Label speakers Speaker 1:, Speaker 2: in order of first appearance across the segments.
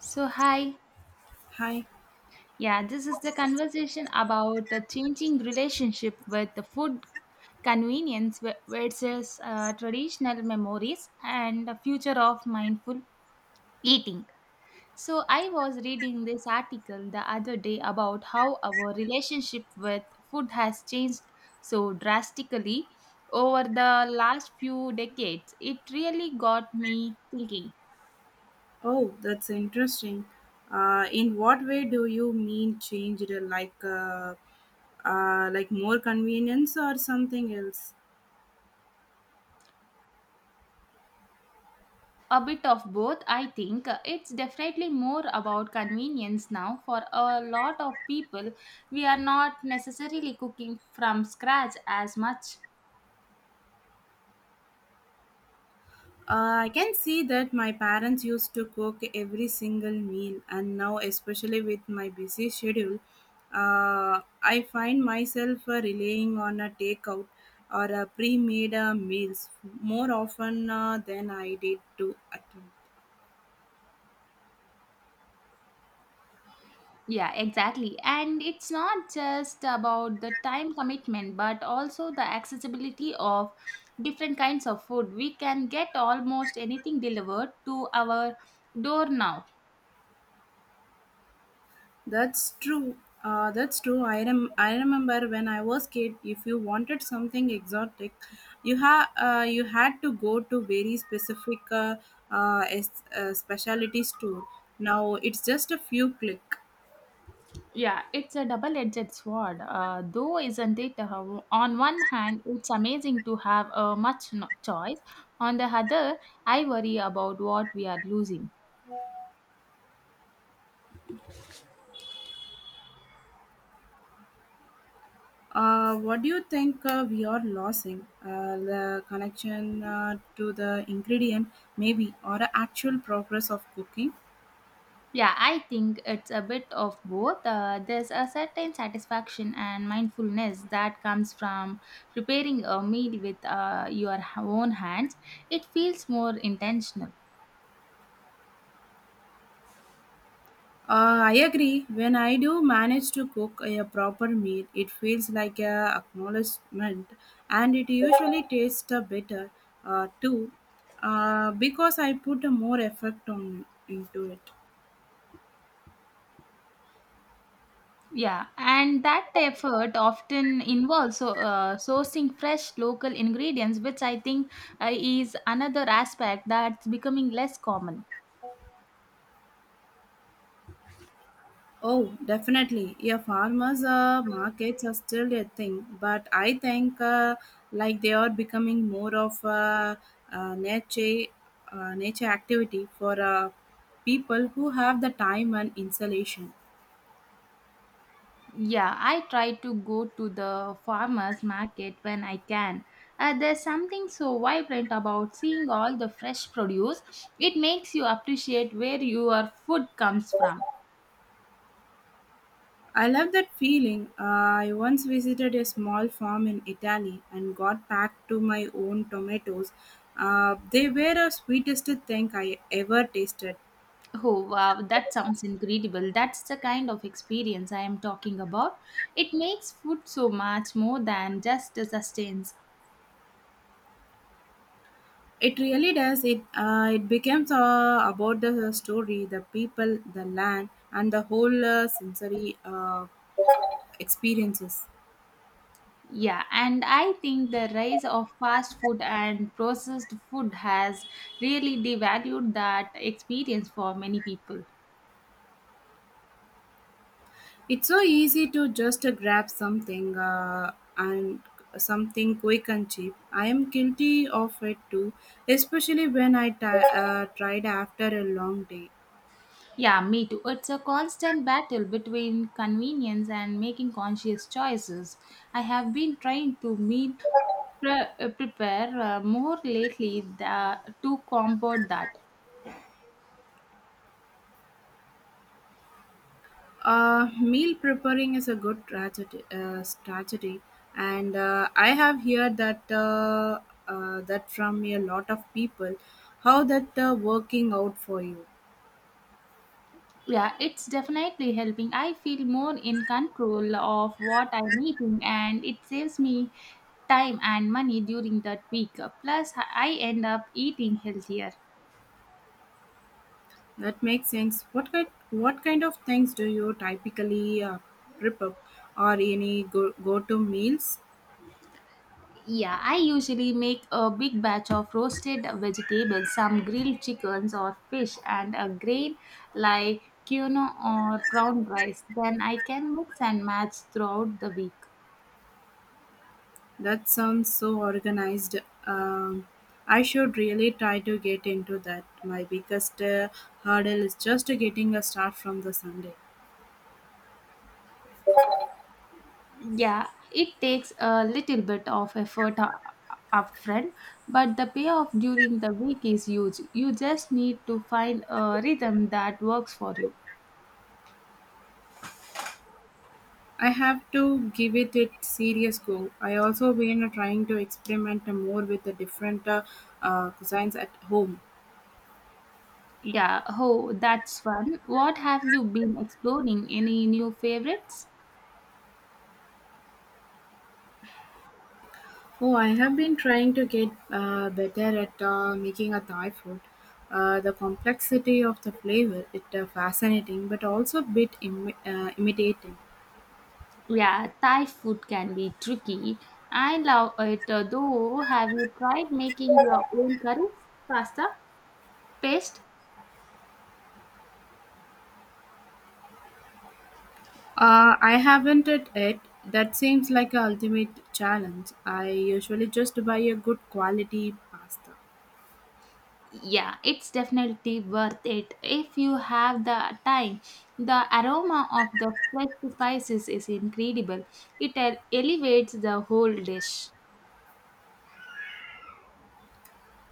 Speaker 1: So, hi.
Speaker 2: Hi.
Speaker 1: Yeah, this is the conversation about the changing relationship with the food convenience versus traditional memories and the future of mindful eating. So, I was reading this article the other day about how our relationship with food has changed so drastically over the last few decades. It really got me thinking.
Speaker 2: Oh, that's interesting. In what way do you mean changed? Like more convenience or something else?
Speaker 1: A bit of both, I think. It's definitely more about convenience now. For a lot of people, we are not necessarily cooking from scratch as much.
Speaker 2: I can see that my parents used to cook every single meal, and now, especially with my busy schedule, I find myself relying on a takeout or a pre-made meals more often than I did to at.
Speaker 1: Yeah, exactly. And it's not just about the time commitment, but also the accessibility of different kinds of food. We can get almost anything delivered to our door now.
Speaker 2: That's true. I remember when I was kid, if you wanted something exotic, you had to go to very specific specialty store. Now it's just a few click.
Speaker 1: Yeah, it's a double edged sword, though, isn't it? On one hand, it's amazing to have a much choice. On the other, I worry about what we are losing.
Speaker 2: What do you think we are losing? The connection to the ingredient, maybe, or a actual progress of cooking?
Speaker 1: Yeah, I think it's a bit of both. There's a certain satisfaction and mindfulness that comes from preparing a meal with your own hands, it feels more intentional.
Speaker 2: I agree. When I do manage to cook a proper meal, it feels like a acknowledgement, and it usually tastes better too, because I put more effort on into it.
Speaker 1: Yeah, and that effort often involves sourcing fresh local ingredients, which I think is another aspect that's becoming less common.
Speaker 2: Oh, definitely. Yeah, farmers' markets are still a thing, but I think like they are becoming more of a, uh nature nature activity for people who have the time and installation.
Speaker 1: Yeah, I try to go to the farmers market when I can. There's something so vibrant about seeing all the fresh produce. It makes you appreciate where your food comes from.
Speaker 2: I love that feeling. I once visited a small farm in Italy and got back to my own tomatoes. They were the sweetest thing I ever tasted.
Speaker 1: Oh, wow, that sounds incredible. That's the kind of experience I am talking about. It makes food so much more than just the sustains.
Speaker 2: It really does. It becomes about the story, the people, the land, and the whole sensory experiences.
Speaker 1: Yeah, and I think the rise of fast food and processed food has really devalued that experience for many people.
Speaker 2: It's so easy to just grab something quick and cheap. I am guilty of it too, especially when I ti tried after a long day.
Speaker 1: Yeah, me too. It's a constant battle between convenience and making conscious choices. I have been trying to meet pre- prepare more lately the, to combat that.
Speaker 2: Meal preparing is a good strategy, and I have heard that that from a lot of people. How that working out for you?
Speaker 1: Yeah, it's definitely helping. I feel more in control of what I'm eating and it saves me time and money during that week. Plus, I end up eating healthier.
Speaker 2: That makes sense. What kind of things do you typically prep up, or any go to meals?
Speaker 1: Yeah, I usually make a big batch of roasted vegetables, some grilled chickens or fish, and a grain like quinoa or brown rice. Then I can mix and match throughout the week.
Speaker 2: That sounds so organized. Um, I should really try to get into that. My biggest hurdle is just getting a start from the Sunday.
Speaker 1: Yeah, it takes a little bit of effort upfront, but the payoff during the week is huge. You just need to find a rhythm that works for you.
Speaker 2: I have to give it a serious go. I also been trying to experiment more with the different cuisines at home.
Speaker 1: Yeah, oh, that's fun. What have you been exploring? Any new favorites?
Speaker 2: Oh, I have been trying to get better at making a Thai food. The complexity of the flavor, it fascinating, but also a bit imitating.
Speaker 1: Yeah, Thai food can be tricky. I love it though. Have you tried making your own curries, pasta, paste?
Speaker 2: I haven't it yet. That seems like a ultimate challenge. I usually just buy a good quality pasta.
Speaker 1: Yeah, it's definitely worth it if you have the time. The aroma of the fresh spices is incredible. It elevates the whole dish.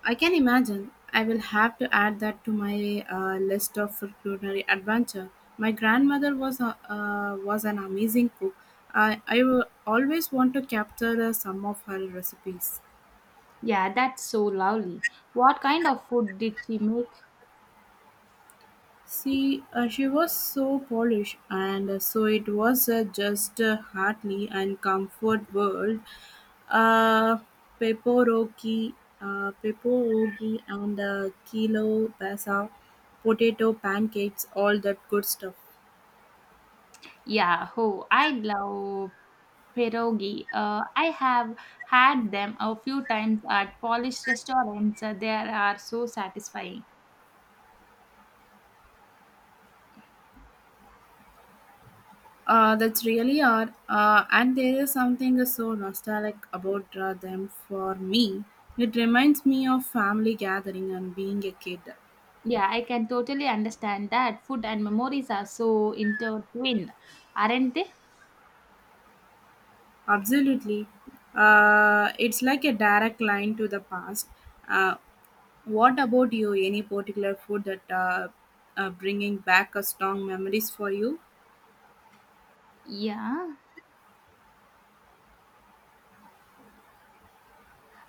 Speaker 2: I can imagine. I will have to add that to my list of culinary adventure. My grandmother was an amazing cook. I will always want to capture some of her recipes.
Speaker 1: Yeah, that's so lovely. What kind of food did she make?
Speaker 2: See, she was so Polish, and so it was just heartily and comfort world. Uh, pepperoki, pepperoki, and kilo pasa, potato pancakes, all that good stuff.
Speaker 1: Yeah, oh, I love pierogi. I have had them a few times at Polish restaurants. They are so satisfying.
Speaker 2: That's really are, and there is something so nostalgic about them for me. It reminds me of family gathering and being a kid.
Speaker 1: Yeah, I can totally understand that. Food and memories are so intertwined, aren't they?
Speaker 2: Absolutely, it's like a direct line to the past. Uh, what about you? Any particular food that bringing back a strong memories for you?
Speaker 1: Yeah.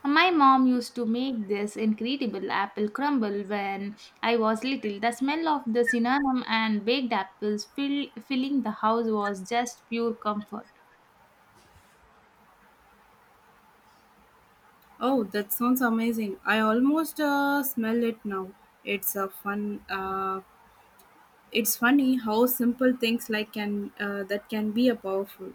Speaker 1: My mom used to make this incredible apple crumble when I was little. The smell of the cinnamon and baked apples filling the house was just pure comfort.
Speaker 2: Oh, that sounds amazing! I almost smell it now. It's a fun, uh, It's funny how simple things like can that can be a powerful.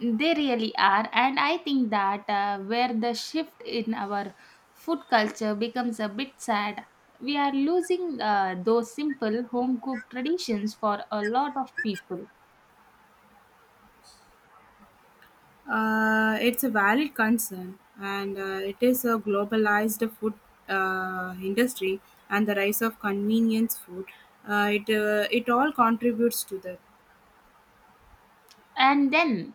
Speaker 1: They really are, and I think that where the shift in our food culture becomes a bit sad, we are losing those simple home cooked traditions for a lot of people.
Speaker 2: It's a valid concern, and it is a globalized food industry and the rise of convenience food. It all contributes to that.
Speaker 1: And then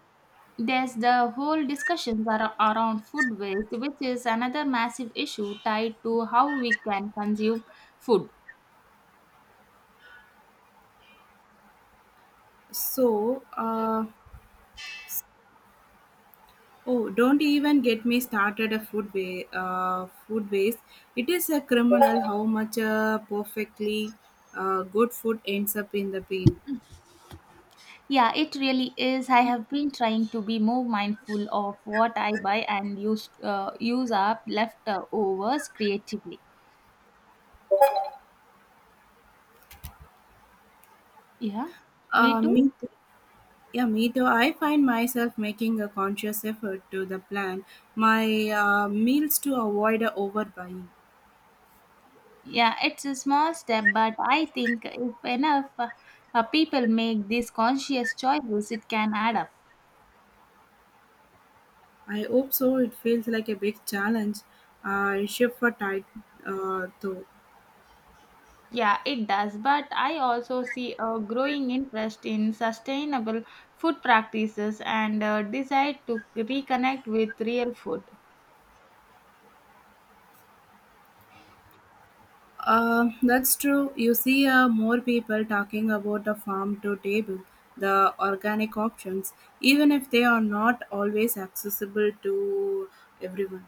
Speaker 1: there's the whole discussions around food waste, which is another massive issue tied to how we can consume food.
Speaker 2: So, uh, oh, don't even get me started a food waste. It is a criminal how much perfectly good food ends up in the bin.
Speaker 1: Yeah, it really is. I have been trying to be more mindful of what I buy and use up leftovers creatively. Yeah, me too.
Speaker 2: Me too. Yeah, me too. I find myself making a conscious effort to the plan my meals to avoid a overbuying.
Speaker 1: Yeah, it's a small step, but I think if enough people make these conscious choices, it can add up.
Speaker 2: I hope so. It feels like a big challenge. Shift for tight though.
Speaker 1: Yeah, it does. But I also see a growing interest in sustainable food practices and a desire to reconnect with real food.
Speaker 2: That's true. You see more people talking about the farm to table, the organic options, even if they are not always accessible to everyone.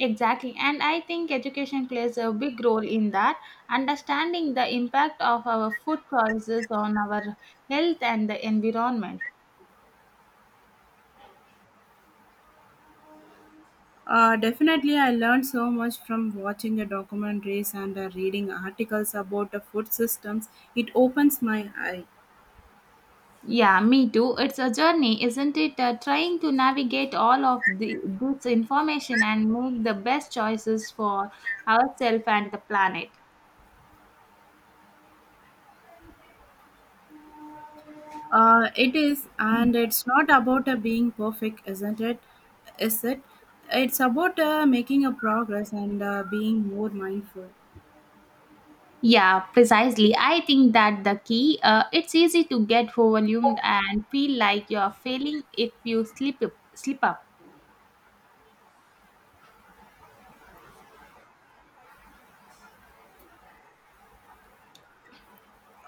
Speaker 1: Exactly, and I think education plays a big role in that. Understanding the impact of our food choices on our health and the environment.
Speaker 2: Definitely, I learned so much from watching the documentaries and reading articles about the food systems. It opens my eye.
Speaker 1: Yeah, me too. It's a journey, isn't it? Trying to navigate all of the, this information and make the best choices for ourselves and the planet.
Speaker 2: It is, and it's not about being perfect, isn't it? Is it? It's about making a progress and being more mindful.
Speaker 1: Yeah, precisely. I think that the key. It's easy to get overwhelmed and feel like you're failing if you slip up.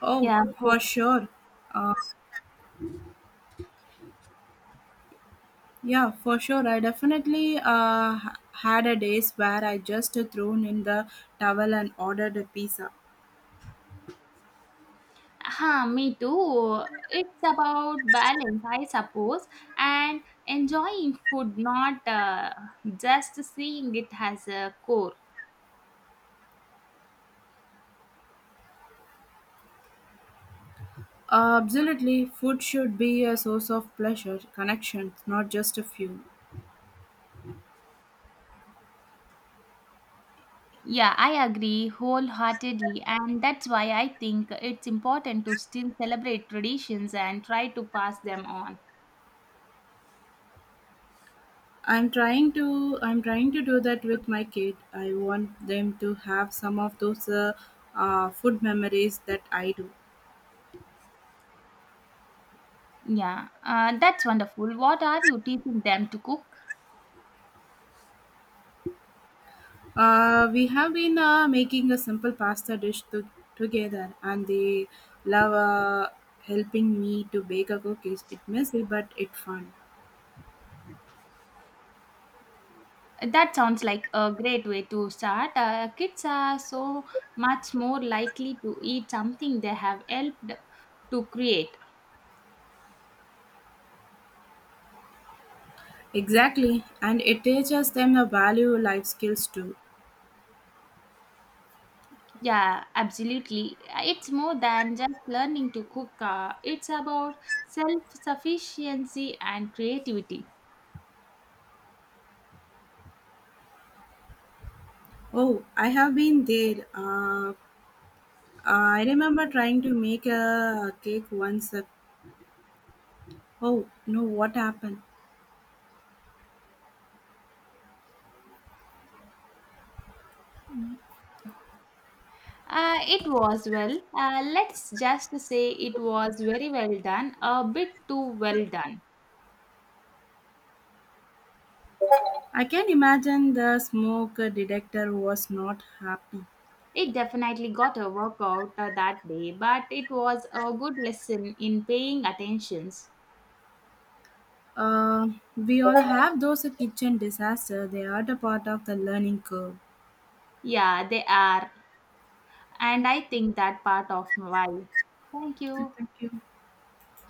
Speaker 2: Oh,
Speaker 1: Yeah,
Speaker 2: for
Speaker 1: hope.
Speaker 2: sure. Uh, yeah, for sure. I definitely had a days where I just thrown in the towel and ordered a pizza.
Speaker 1: Huh, me too. It's about balance, I suppose, and enjoying food, not just seeing it as a core.
Speaker 2: Absolutely, food should be a source of pleasure, connection, not just a fuel.
Speaker 1: Yeah, I agree wholeheartedly, and that's why I think it's important to still celebrate traditions and try to pass them on.
Speaker 2: I'm trying to do that with my kid. I want them to have some of those food memories that I do.
Speaker 1: Yeah, that's wonderful. What are you teaching them to cook?
Speaker 2: We have been making a simple pasta dish to, together, and they love helping me to bake a cookies. It's messy, but it's fun.
Speaker 1: That sounds like a great way to start. Kids are so much more likely to eat something they have helped to create.
Speaker 2: Exactly, and it teaches them the value life skills too.
Speaker 1: Yeah, absolutely. It's more than just learning to cook, it's about self sufficiency and creativity.
Speaker 2: Oh, I have been there. I remember trying to make a cake once. Oh, no, what happened?
Speaker 1: It was well, let's just say it was very well done, a bit too well done.
Speaker 2: I can imagine the smoke detector was not happy.
Speaker 1: It definitely got a workout that day, but it was a good lesson in paying attentions.
Speaker 2: Uh, we all have those kitchen disasters. They are the part of the learning curve.
Speaker 1: Yeah, they are, and I think that part of why. Thank you.
Speaker 2: Thank you.